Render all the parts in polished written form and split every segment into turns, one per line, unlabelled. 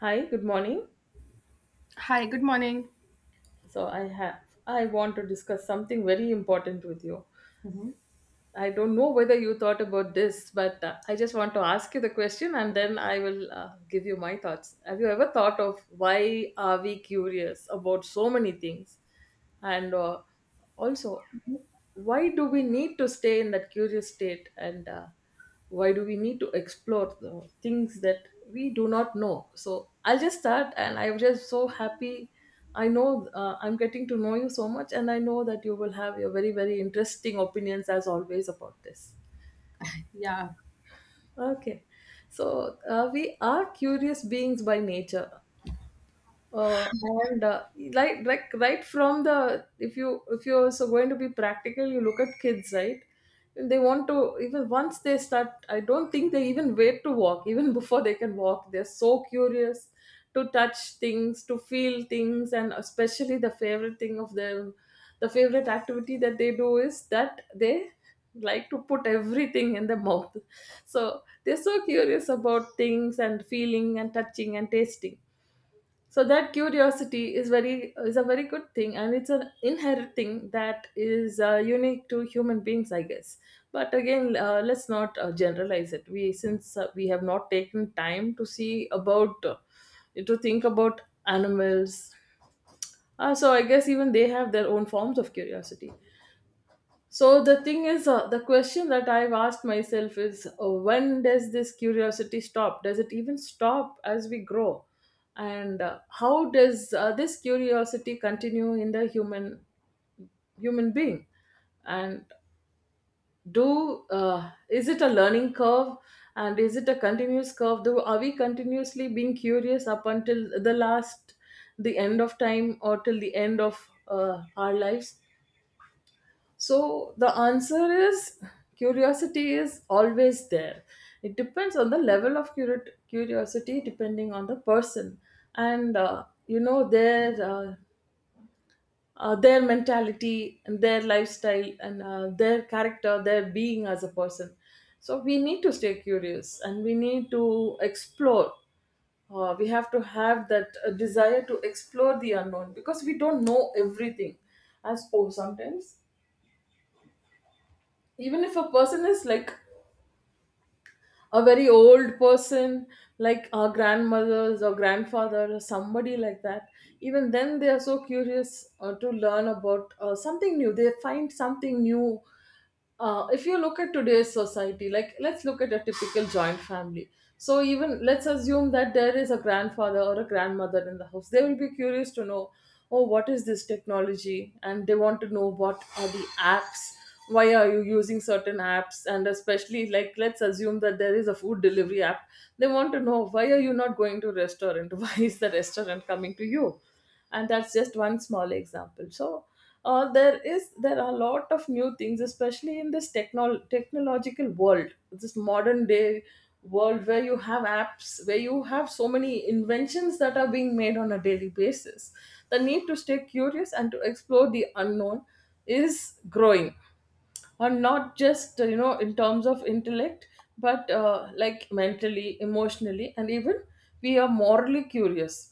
Hi, good morning.
Hi, good morning.
So I have I want to discuss something very important with you.
Mhm.
I don't know whether you thought about this, but I just want to ask you the question and then I will give you my thoughts. Have you ever thought of why are we curious about so many things? And also why do we need to stay in that curious state, and why do we need to explore the things that we do not know? So I'll just start, and I'm just so happy. I know, I'm getting to know you so much, and I know that you will have your very very interesting opinions as always about this.
Yeah.
Okay, so we are curious beings by nature. And Like right from the— if you if you're also going to be practical, you look at kids, right? They want to, even once they start— I don't think they even wait to walk, even before they can walk, they're so curious to touch things, to feel things. And especially the favorite thing of them, the favorite activity that they do, is that they like to put everything in the mouth. So they're so curious about things, and feeling and touching and tasting. So that curiosity is very— is a very good thing, and it's an inherent thing that is unique to human beings, I guess. But again, let's not generalize it. We, since we have not taken time to see about to think about animals, so I guess even they have their own forms of curiosity. So the thing is, the question that I've asked myself is, when does this curiosity stop? Does it even stop as we grow? And how does this curiosity continue in the human being? And do is it a learning curve? And is it a continuous curve? Do— are we continuously being curious up until the last, the end of time, or till the end of our lives? So the answer is, curiosity is always there. It depends on the level of curiosity, depending on the person, and you know, their mentality and their lifestyle, and their character, their being as a person. So we need to stay curious, and we need to explore. We have to have that desire to explore the unknown, because we don't know everything. As, oh, sometimes, even if a person is like a very old person, like our grandmothers or grandfather or somebody like that, even then they are so curious to learn about something new. They find something new. If you look at today's society, like, let's look at a typical joint family. So even, let's assume that there is a grandfather or a grandmother in the house, they will be curious to know, oh, what is this technology? And they want to know, what are the apps, why are you using certain apps? And especially, like, let's assume that there is a food delivery app, they want to know, why are you not going to restaurant? Why is the restaurant coming to you? And that's just one small example. So there are a lot of new things, especially in this technological world, this modern day world, where you have apps, where you have so many inventions that are being made on a daily basis. The need to stay curious and to explore the unknown is growing, or not just you know, in terms of intellect, but like mentally, emotionally, and even we are morally curious.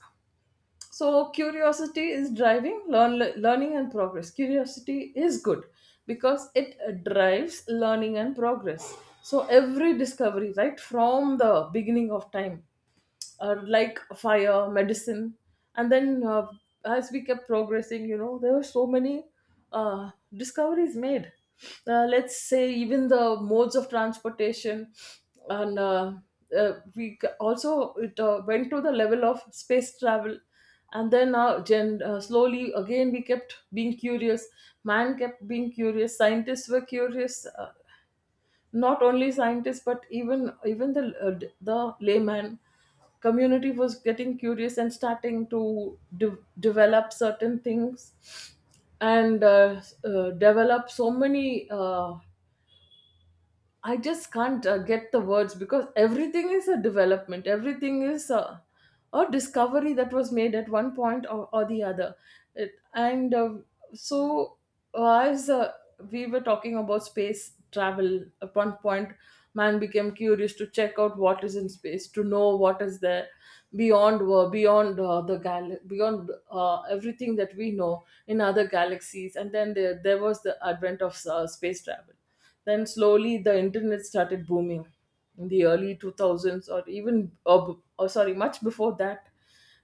So curiosity is driving learning and progress. Curiosity is good because it drives learning and progress. So every discovery, right from the beginning of time, like fire, medicine. And then as we kept progressing, you know, there were so many discoveries made. Let's say, even the modes of transportation, and also, it went to the level of space travel. And then slowly, again, we kept being curious. Man kept being curious. Scientists were curious. Not only scientists, but even the the layman community was getting curious and starting to develop certain things, and develop so many I just can't get the words, because everything is a development, everything is a discovery that was made at one point or the other. It, and so as We were talking about space travel. At one point, man became curious to check out what is in space, to know what is there beyond beyond the gal beyond everything that we know in other galaxies. And then there was the advent of space travel. Then slowly the internet started booming in the early 2000s, or even, or sorry, much before that,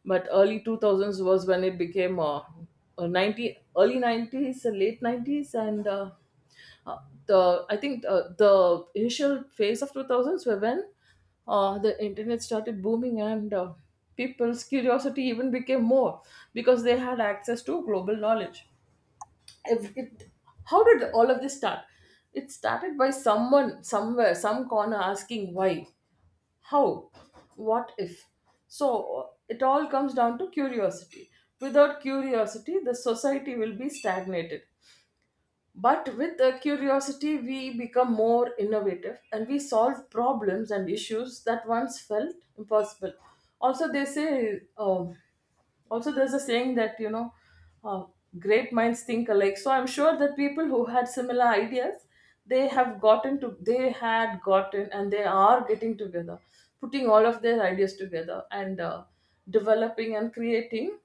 but early 2000s was when it became 90, early 90s, late 90s, and uh, the I think, the initial phase of 2000s were when the internet started booming, and people's curiosity even became more, because they had access to global knowledge. If it, How did all of this start? It started by someone somewhere, some corner, asking why, how, what if. So it all comes down to curiosity. Without curiosity, the society will be stagnated, but with a curiosity, we become more innovative, and we solve problems and issues that once felt impossible. Also, they say, also, there's a saying that, you know, uh, great minds think alike. So I'm sure that people who had similar ideas, they had gotten, and they are getting together, putting all of their ideas together, and developing and creating,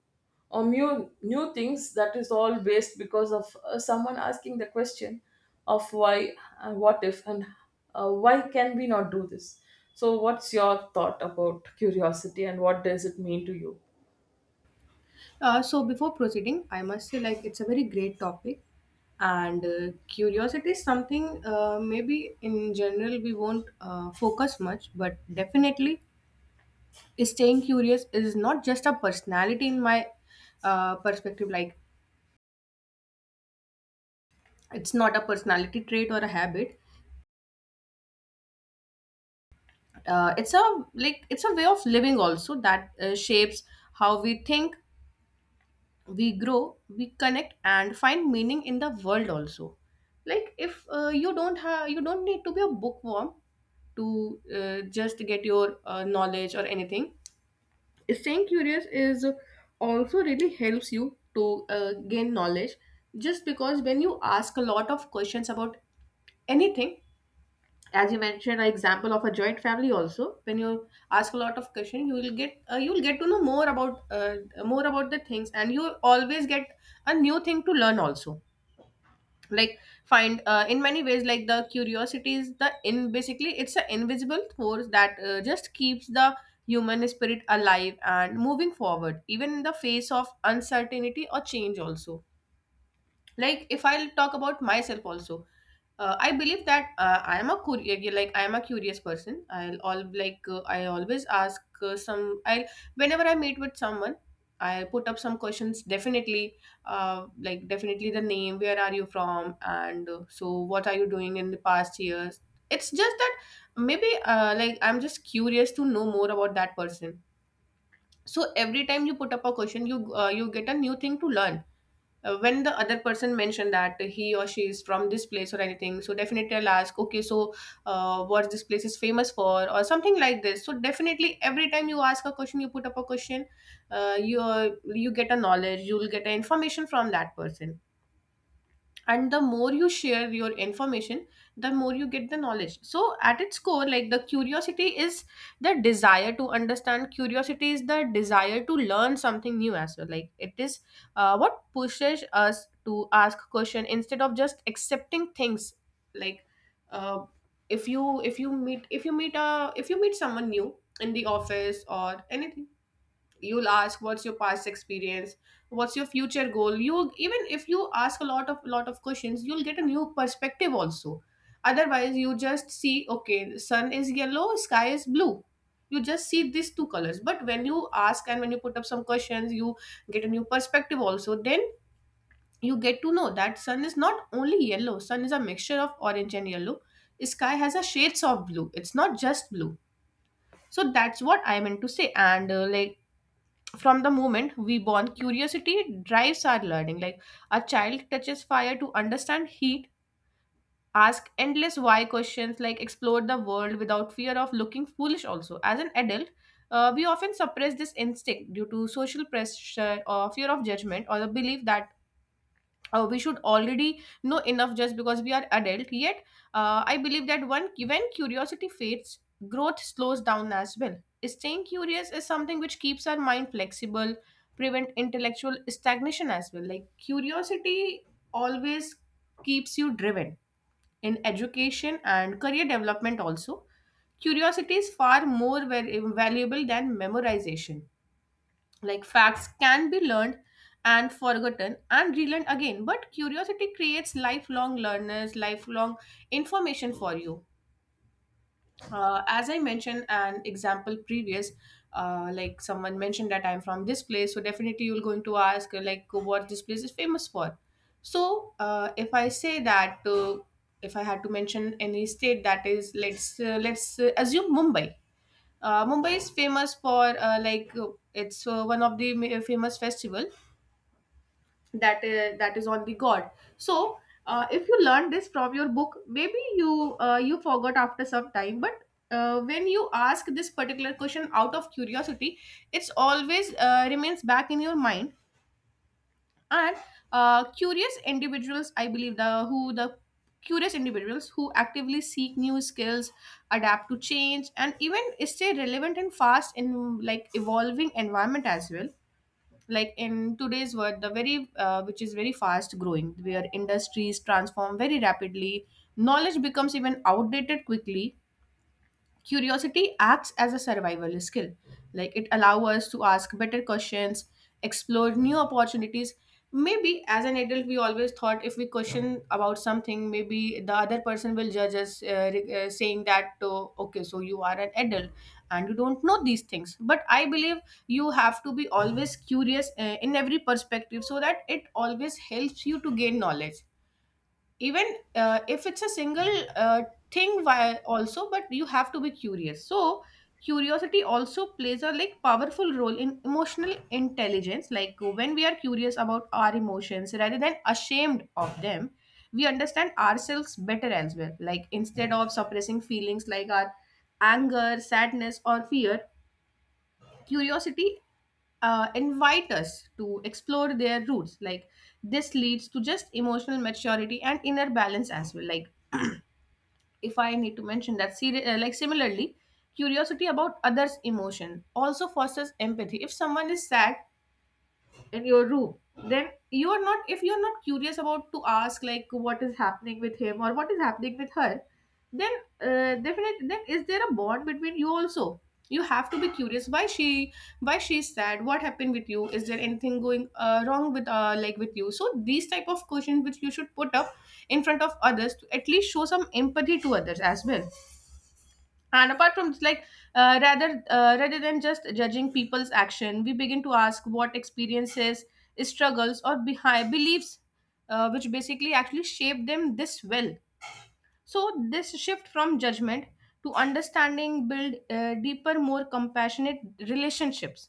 or new things. That is all based because of someone asking the question of why, and what if, and why can we not do this. So what's your thought about curiosity, and what does it mean to you?
So before proceeding, I must say, like, it's a very great topic, and curiosity is something maybe in general we won't focus much, but definitely staying curious is not just a personality in my perspective. Like, it's not a personality trait or a habit. It's a Like, it's a way of living also that shapes how we think, we grow, we connect, and find meaning in the world also. Like, if you don't need to be a bookworm to just get your knowledge or anything. Staying curious is also really helps you to gain knowledge, just because when you ask a lot of questions about anything, as you mentioned an example of a joint family, also, when you ask a lot of questions you will get to know more about the things, and you always get a new thing to learn also. Like, find in many ways, like, the curiosity is the in, basically it's an invisible force that just keeps the human spirit alive and moving forward, even in the face of uncertainty or change also. Like, if I'll talk about myself also, I believe that I am a curious, like, I am a curious person. I'll all like I always ask some. I Whenever I meet with someone, I put up some questions. Definitely, like, definitely, the name, where are you from, and so what are you doing in the past years. It's just that, maybe like, I'm just curious to know more about that person. So every time you put up a question, you you get a new thing to learn. When the other person mentioned that he or she is from this place or anything, so definitely I'll ask, okay, so what this place is famous for, or something like this. So definitely every time you ask a question, you put up a question, uh, you you get a knowledge, you'll get a information from that person, and the more you share your information, the more you get the knowledge. So at its core, like, the curiosity is the desire to understand, curiosity is the desire to learn something new as well. Like, it is what pushes us to ask question instead of just accepting things. Like, uh, if you meet if you meet if you meet someone new in the office or anything, you'll ask what's your past experience, what's your future goal. You Even if you ask a lot of questions, you'll get a new perspective also. Otherwise, you just see, okay, the sun is yellow, sky is blue, you just see these two colors. But when you ask and when you put up some questions, you get a new perspective also, then you get to know that sun is not only yellow, sun is a mixture of orange and yellow, sky has a shades of blue, it's not just blue. So that's what I meant to say. And like, from the moment we born, curiosity drives our learning. Like, a child touches fire to understand heat, ask endless why questions, like, explore the world without fear of looking foolish also. As an adult, we often suppress this instinct due to social pressure or fear of judgment, or the belief that we should already know enough just because we are adult yet. I believe that, one when curiosity fades, growth slows down as well. Staying curious is something which keeps our mind flexible, prevent intellectual stagnation as well. Like, curiosity always keeps you driven in education and career development also. Curiosity is far more valuable than memorization. Like, facts can be learned and forgotten and relearned again, but curiosity creates lifelong learners, lifelong information for you. As I mentioned an example previous. Like, someone mentioned that I'm from this place, so definitely you're going to ask like, what this place is famous for. So if I say that, if I had to mention any state, that is, let's assume mumbai Mumbai is famous for like, it's one of the famous festival that is on the god. So if you learn this from your book, maybe you you forgot after some time, but. When you ask this particular question out of curiosity, it's always remains back in your mind. And curious individuals, I believe, the who the curious individuals who actively seek new skills, adapt to change and even stay relevant and fast in, like, evolving environment as well. Like, in today's world, the very which is very fast growing, where industries transform very rapidly, knowledge becomes even outdated quickly. Curiosity acts as a survival skill. Like, it allows us to ask better questions, explore new opportunities. Maybe as an adult, we always thought if we question about something, maybe the other person will judge us, saying that, oh, okay, so you are an adult and you don't know these things. But I believe you have to be always curious in every perspective, so that it always helps you to gain knowledge, even if it's a single thing why also, but you have to be curious. So curiosity also plays a, like, powerful role in emotional intelligence. Like, when we are curious about our emotions rather than ashamed of them, we understand ourselves better as well. Like, instead of suppressing feelings like our anger, sadness or fear, curiosity invite us to explore their roots. Like, this leads to just emotional maturity and inner balance as well. Like, if I need to mention that, like, similarly, curiosity about others' emotion also fosters empathy. If someone is sad in your room, then you are not. If you are not curious about to ask, like, what is happening with him or what is happening with her, then, definitely, then is there a bond between you also? You have to be curious, why she's sad. What happened with you? Is there anything going wrong with with you? So these type of questions which you should put up in front of others, to at least show some empathy to others as well. And apart from this, like, rather than just judging people's action, we begin to ask what experiences, struggles or behind beliefs, which basically actually shape them this well. So this shift from judgment to understanding build deeper, more compassionate relationships.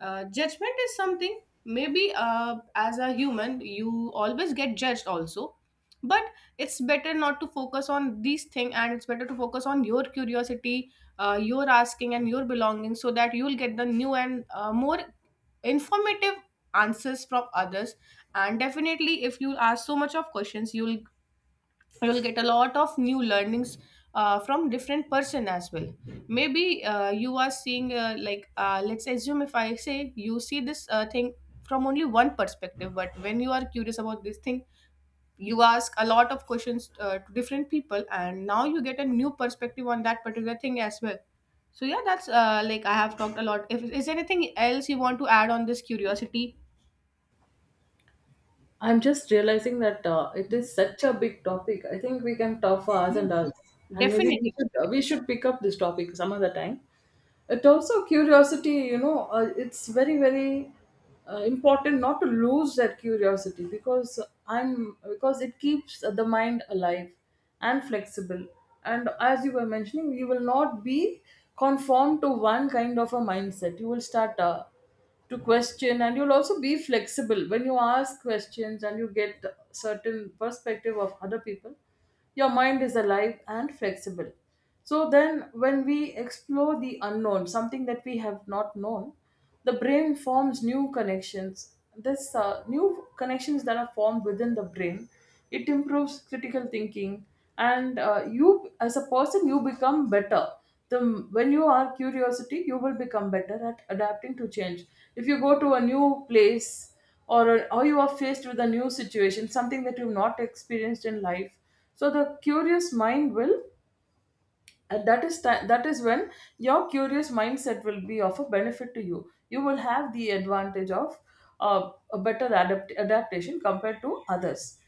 Judgment is something, maybe as a human you always get judged also, but it's better not to focus on these things and it's better to focus on your curiosity, your asking and your belonging, so that you'll get the new and more informative answers from others. And definitely if you ask so much of questions, you'll get a lot of new learnings from different person as well. Maybe you are seeing, like, let's assume, if I say, you see this thing from only one perspective. But when you are curious about this thing, you ask a lot of questions to different people, and now you get a new perspective on that particular thing as well. So yeah, that's like, I have talked a lot. If Is there anything else you want to add on this curiosity?
I'm just realizing that it is such a big topic. I think we can talk for hours and
Yes.
hours, and maybe
Definitely,
we
definitely.
should pick up this topic some other time. It also— curiosity, you know, it's very very important not to lose that curiosity, because I'm because it keeps the mind alive and flexible. And as you were mentioning, you will not be conformed to one kind of a mindset. You will start. To question, and you'll also be flexible. When you ask questions and you get certain perspective of other people, your mind is alive and flexible. So then when we explore the unknown, something that we have not known, the brain forms new connections. This new connections that are formed within the brain, it improves critical thinking, and you as a person, you become better. The when you are curiosity, you will become better at adapting to change. If you go to a new place, or you are faced with a new situation, something that you've not experienced in life, so the curious mind will that is when your curious mindset will be of a benefit to you. You will have the advantage of a better adaptation compared to others,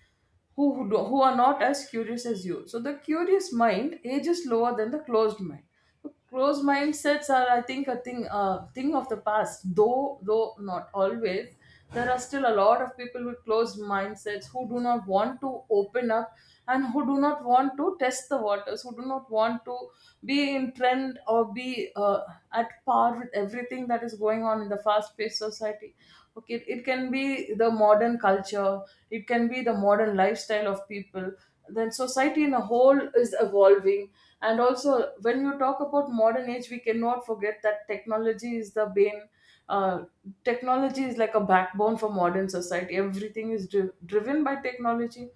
who are not as curious as you. So the curious mind ages lower than the closed mind. The closed mindsets are, I think, a thing of the past, though not always. There are still a lot of people with closed mindsets who do not want to open up, and who do not want to test the waters, who do not want to be in trend, or be at par with everything that is going on in the fast paced society. Can be the modern culture, it can be the modern lifestyle of people. Then society in a whole is evolving. And also, when you talk about modern age, we cannot forget that technology is the bane. uh, Technology is like a backbone for modern society. Everything is driven by technology.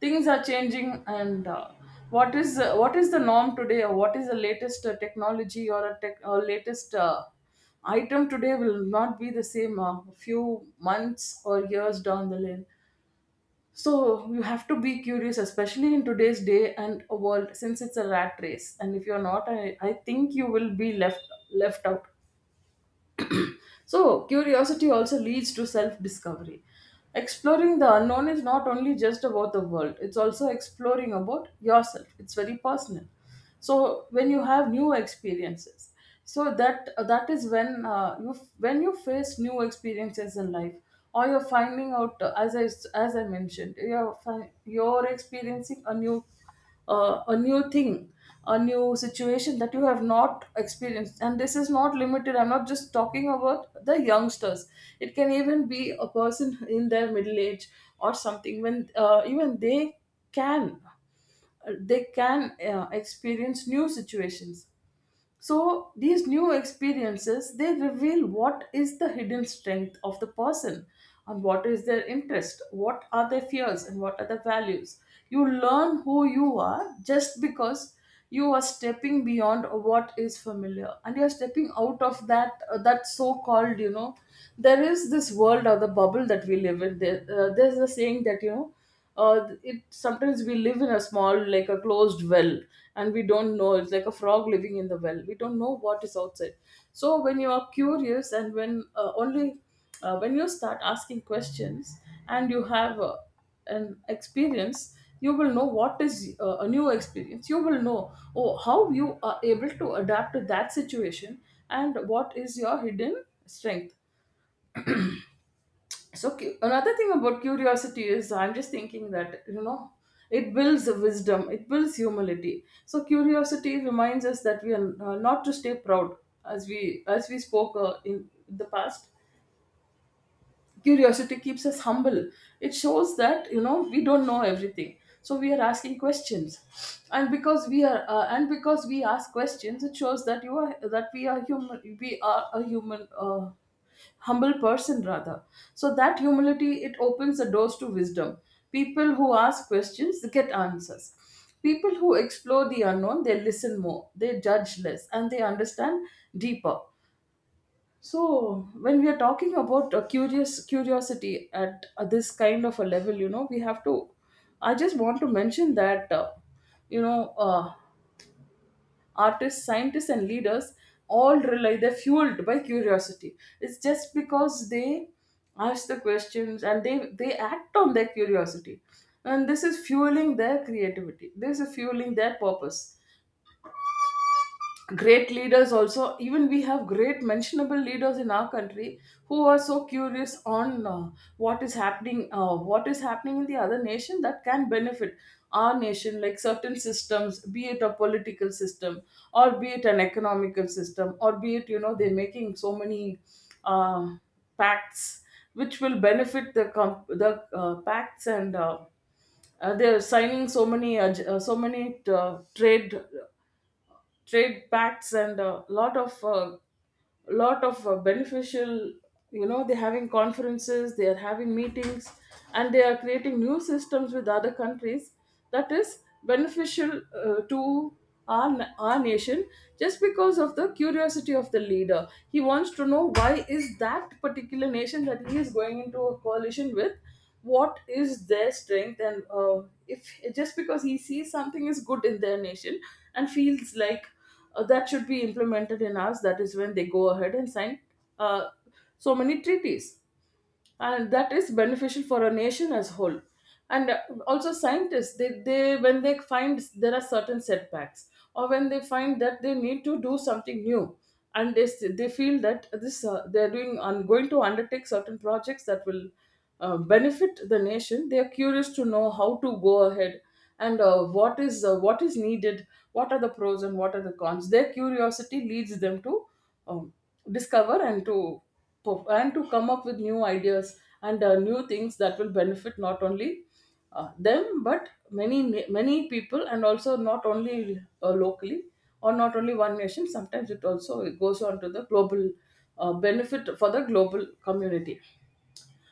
Things are changing, and what is the norm today, or what is the latest technology or a tech, or latest item today will not be the same a few months or years down the lane. So you have to be curious, especially in today's day and a world, since it's a rat race. And if you're not, I think you will be left left out. So curiosity also leads to self-discovery. Exploring the unknown is not only just about the world, it's also exploring about yourself. It's very personal. So when you have new experiences, so that is when, you when you face new experiences in life, or you're finding out, as I mentioned, you're you're experiencing a new, a new thing, a new situation that you have not experienced. And this is not limited, I'm not just talking about the youngsters. It can even be a person in their middle age or something, when, even they can, experience new situations. So these new experiences, they reveal what is the hidden strength of the person, and what is their interest, what are their fears, and what are their values. You learn who you are, just because you are stepping beyond what is familiar, and you are stepping out of that so called there is this world or the bubble that we live in. There's a saying that, you know it sometimes we live in a small, like, a closed well, and we don't know, it's like a frog living in the well, we don't know what is outside. So when you are curious, and when you start asking questions and you have, an experience, you will know what is, a new experience. You will know, oh, how you are able to adapt to that situation, and what is your hidden strength. So, another thing about curiosity is, I'm just thinking that, you know, it builds wisdom, it builds humility. So curiosity reminds us that we are, not to stay proud. As we spoke, in the past, curiosity keeps us humble. It shows that, you know, we don't know everything, so we are asking questions. And because we ask questions, it shows that you are that we are human, we are a human, humble person rather. So that humility, it opens the doors to wisdom. People who ask questions, they get answers. People who explore the unknown, they listen more, they judge less, and they understand deeper. So when we are talking about a curious curiosity at, this kind of a level, you know, we have to. I just want to mention that, you know uh, artists, scientists, and leaders all rely. They're fueled by curiosity. It's just because they ask the questions and they act on their curiosity, and this is fueling their creativity. This is fueling their purpose. Great leaders also, even we have great mentionable leaders in our country who are so curious on, what is happening in the other nation that can benefit our nation, like certain systems, be it a political system, or be it an economical system, or be it, you know, they're making so many, uh, pacts which will benefit the pacts, and, they're signing so many, so many, trade pacts, and a lot of beneficial, you know, they're having conferences, they are having meetings, and they are creating new systems with other countries that is beneficial, to our nation. Just because of the curiosity of the leader, he wants to know why is that particular nation that he is going into a coalition with, what is their strength. And, if just because he sees something is good in their nation and feels like, that should be implemented in us, that is when they go ahead and sign, uh, so many treaties, and that is beneficial for a nation as whole. And, also scientists, they when they find there are certain setbacks, or when they find that they need to do something new, and they feel that this they're doing I'm going to undertake certain projects that will, benefit the nation. They are curious to know how to go ahead, and what is needed, what are the pros and what are the cons. Their curiosity leads them to, um, discover, and to perf- and to come up with new ideas, and, new things that will benefit not only, them, but many people, and also not only, locally, or not only one nation, sometimes it also goes on to the global, benefit for the global community.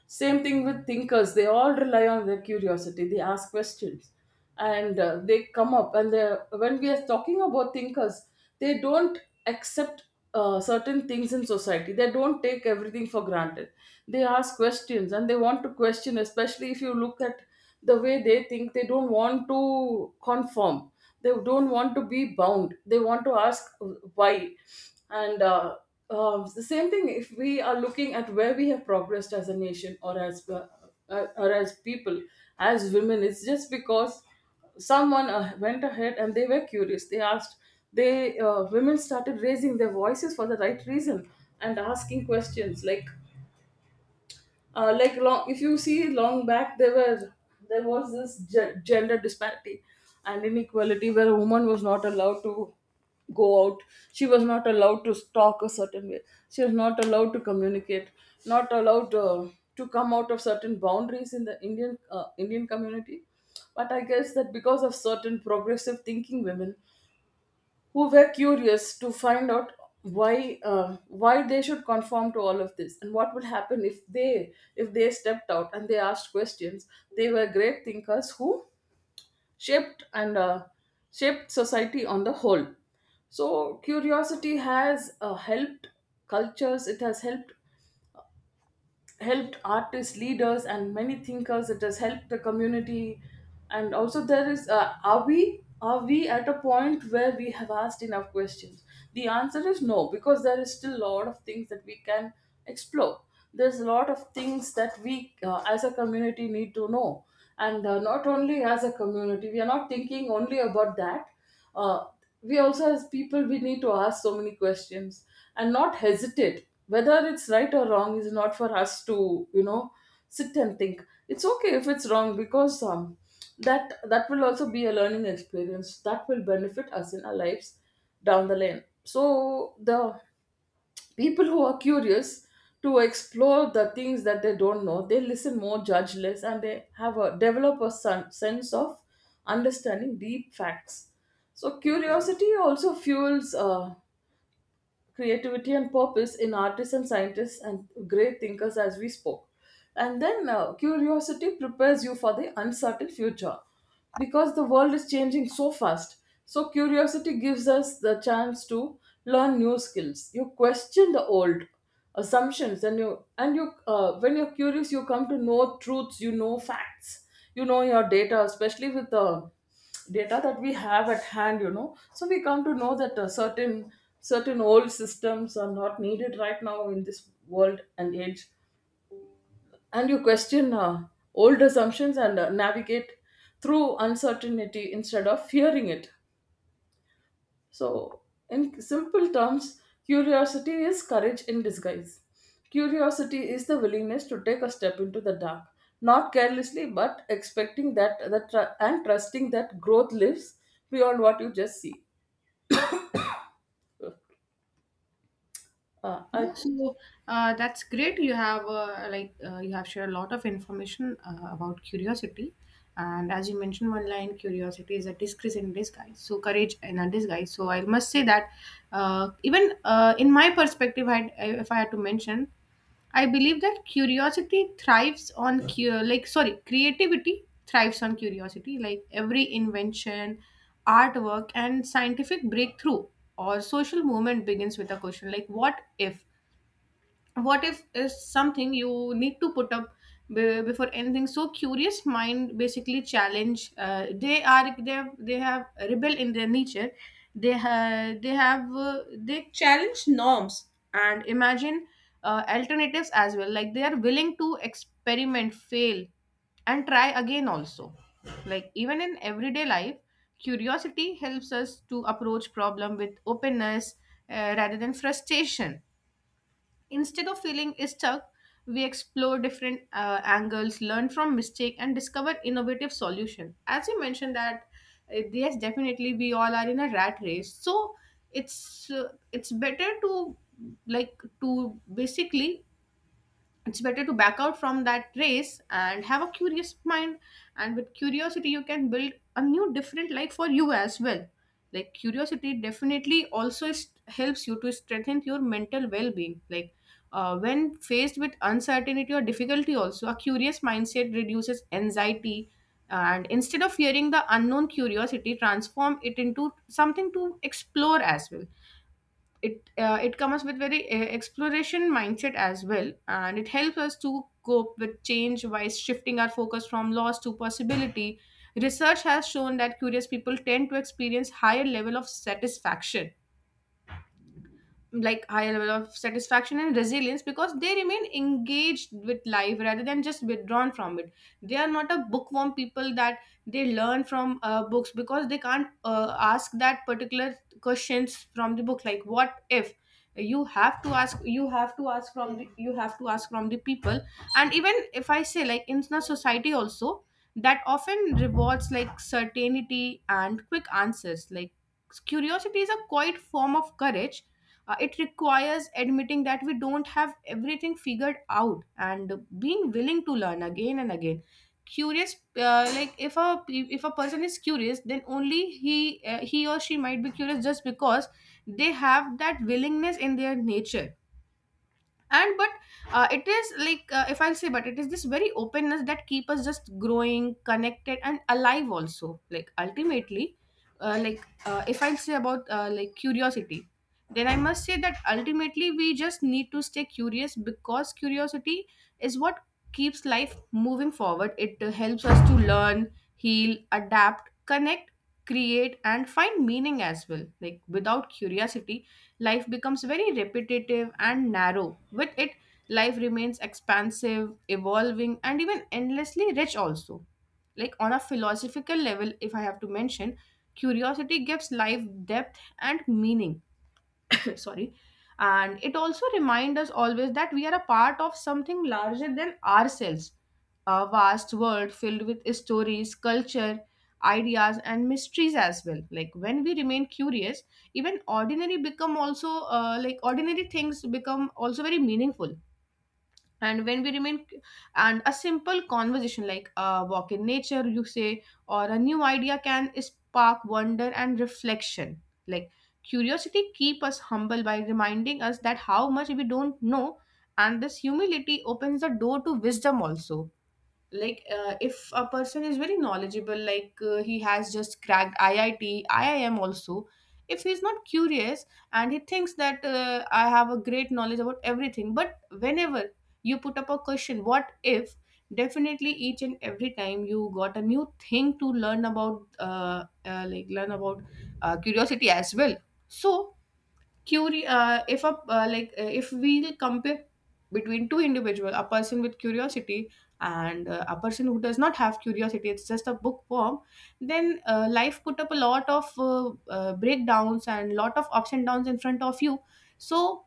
Same thing with thinkers, they all rely on their curiosity, they ask questions, and, they come up. And they when we are talking about thinkers, they don't accept, certain things in society, they don't take everything for granted. They ask questions and they want to question, especially if you look at the way they think. They don't want to conform, they don't want to be bound, they want to ask why. And The same thing, if we are looking at where we have progressed as a nation, or as people, as women, it's just because someone, went ahead and they were curious, they asked, they women started raising their voices for the right reason, and asking questions like, long, if you see, long back, there was this gender disparity and inequality, where a woman was not allowed to go out, she was not allowed to talk a certain way, she was not allowed to communicate, not allowed, to come out of certain boundaries in the Indian community. But I guess that because of certain progressive thinking women, who were curious to find out, why they should conform to all of this, and what would happen if they stepped out and they asked questions. They were great thinkers who shaped and uh, shaped society on the whole. So curiosity has, helped cultures, it has helped artists, leaders, and many thinkers. It has helped the community. And also, there is are we at a point where we have asked enough questions? The answer is no, because there is still a lot of things that we can explore. There's a lot of things that we, as a community, need to know. And, not only as a community, we are not thinking only about that uh, we also, as people, we need to ask so many questions, and not hesitate. Whether it's right or wrong is not for us to, you know, sit and think. It's okay if it's wrong, because, that will also be a learning experience that will benefit us in our lives down the lane. So the people who are curious to explore the things that they don't know, they listen more, judge less, and they have a develop a sense of understanding deep facts. So curiosity also fuels, creativity and purpose in artists and scientists and great thinkers, as we spoke. And then, curiosity prepares you for the uncertain future, because the world is changing so fast. So, curiosity gives us the chance to learn new skills. You question the old assumptions, and you when you're curious, you come to know truths, you know facts, you know your data, especially with the data that we have at hand, you know, so we come to know that, certain old systems are not needed right now in this world and age. And you question, old assumptions, and, navigate through uncertainty instead of fearing it. So in simple terms, curiosity is courage in disguise. Curiosity is the willingness to take a step into the dark, not carelessly, but expecting that that tr- and trusting that growth lives beyond what you just see. uh, I,
Yeah, so, that's great. You have shared a lot of information about curiosity, and as you mentioned one line, curiosity is a disgrace in disguise. So, courage in a disguise. So I must say that, even in my perspective, I if I had to mention, I believe that curiosity thrives on like, sorry, creativity thrives on curiosity. Like, every invention, artwork, and scientific breakthrough or social movement begins with a question, like, what if. What if is something you need to put up before anything. So curious mind basically challenge, they have rebel in their nature. They challenge norms and imagine alternatives as well. Like, they are willing to experiment, fail, and try again also. Like, even in everyday life, curiosity helps us to approach problem with openness, rather than frustration. Instead of feeling stuck, we explore different angles, learn from mistake, and discover innovative solution. As you mentioned that, yes, definitely we all are in a rat race. So it's better to like to basically it's better to back out from that race and have a curious mind, and with curiosity you can build a new different life for you as well. Like curiosity definitely also helps you to strengthen your mental well-being. Like when faced with uncertainty or difficulty also, a curious mindset reduces anxiety, and instead of fearing the unknown, curiosity transform it into something to explore as well. It comes with very exploration mindset as well, and it helps us to cope with change by shifting our focus from loss to possibility. Research has shown that curious people tend to experience higher level of satisfaction, like high level of satisfaction and resilience, because they remain engaged with life rather than just withdrawn from it. They are not a bookworm people, that they learn from books because they can't ask that particular questions from the book, like what if. You have to ask from the people. And even if I say, like, in a society also that often rewards like certainty and quick answers, like curiosity is a quiet form of courage. It requires admitting that we don't have everything figured out, and being willing to learn again and again. Like if a person is curious, then only he or she might be curious just because they have that willingness in their nature. And but It is like, if I'll say, but it is this very openness that keep us just growing, connected, and alive also, like ultimately. If I'll say about like curiosity, then I must say that ultimately we just need to stay curious, because curiosity is what keeps life moving forward. It helps us to learn, heal, adapt, connect, create, and find meaning as well. Like without curiosity, life becomes very repetitive and narrow. With it, life remains expansive, evolving, and even endlessly rich, also. Like on a philosophical level, if I have to mention, curiosity gives life depth and meaning. Sorry. And it also reminds us always that we are a part of something larger than ourselves, a vast world filled with stories, culture, ideas, and mysteries as well. Like when we remain curious, even ordinary become also like ordinary things become also very meaningful. And when we remain And a simple conversation, like a walk in nature, you say, or a new idea can spark wonder and reflection. Like curiosity keep us humble by reminding us that how much we don't know, and this humility opens the door to wisdom also. Like if a person is very knowledgeable, like he has just cracked iit, iim also, if he's not curious, and he thinks that I have a great knowledge about everything. But whenever you put up a question, what if, definitely each and every time you got a new thing to learn about like learn about curiosity as well. So if a like if we compare between two individual, a person with curiosity and a person who does not have curiosity, it's just a bookworm, then life put up a lot of breakdowns and lot of ups and downs in front of you. So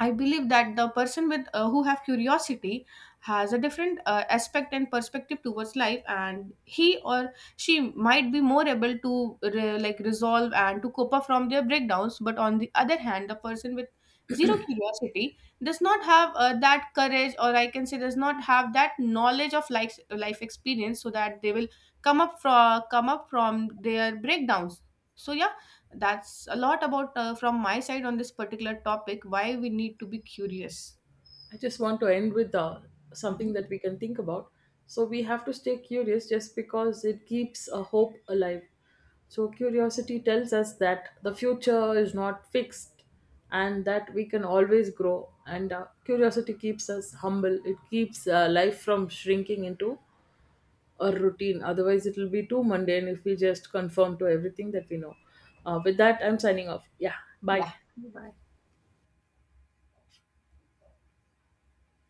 I believe that the person with who have curiosity has a different aspect and perspective towards life, and he or she might be more able to like resolve and to cope up from their breakdowns. But on the other hand, the person with zero curiosity does not have that courage, or I can say does not have that knowledge of life, life experience, so that they will come up from their breakdowns. So yeah, that's a lot about from my side on this particular topic, why we need to be curious.
I just want to end with,
Hmm.
something that we can think about. So we have to stay curious, just because it keeps a hope alive. So curiosity tells us that the future is not fixed, and that we can always grow. And, curiosity keeps us humble. It keeps, life from shrinking into a routine. Otherwise, it will be too mundane if we just conform to everything that we know. With that, I'm signing off. Yeah, bye.
Yeah, bye.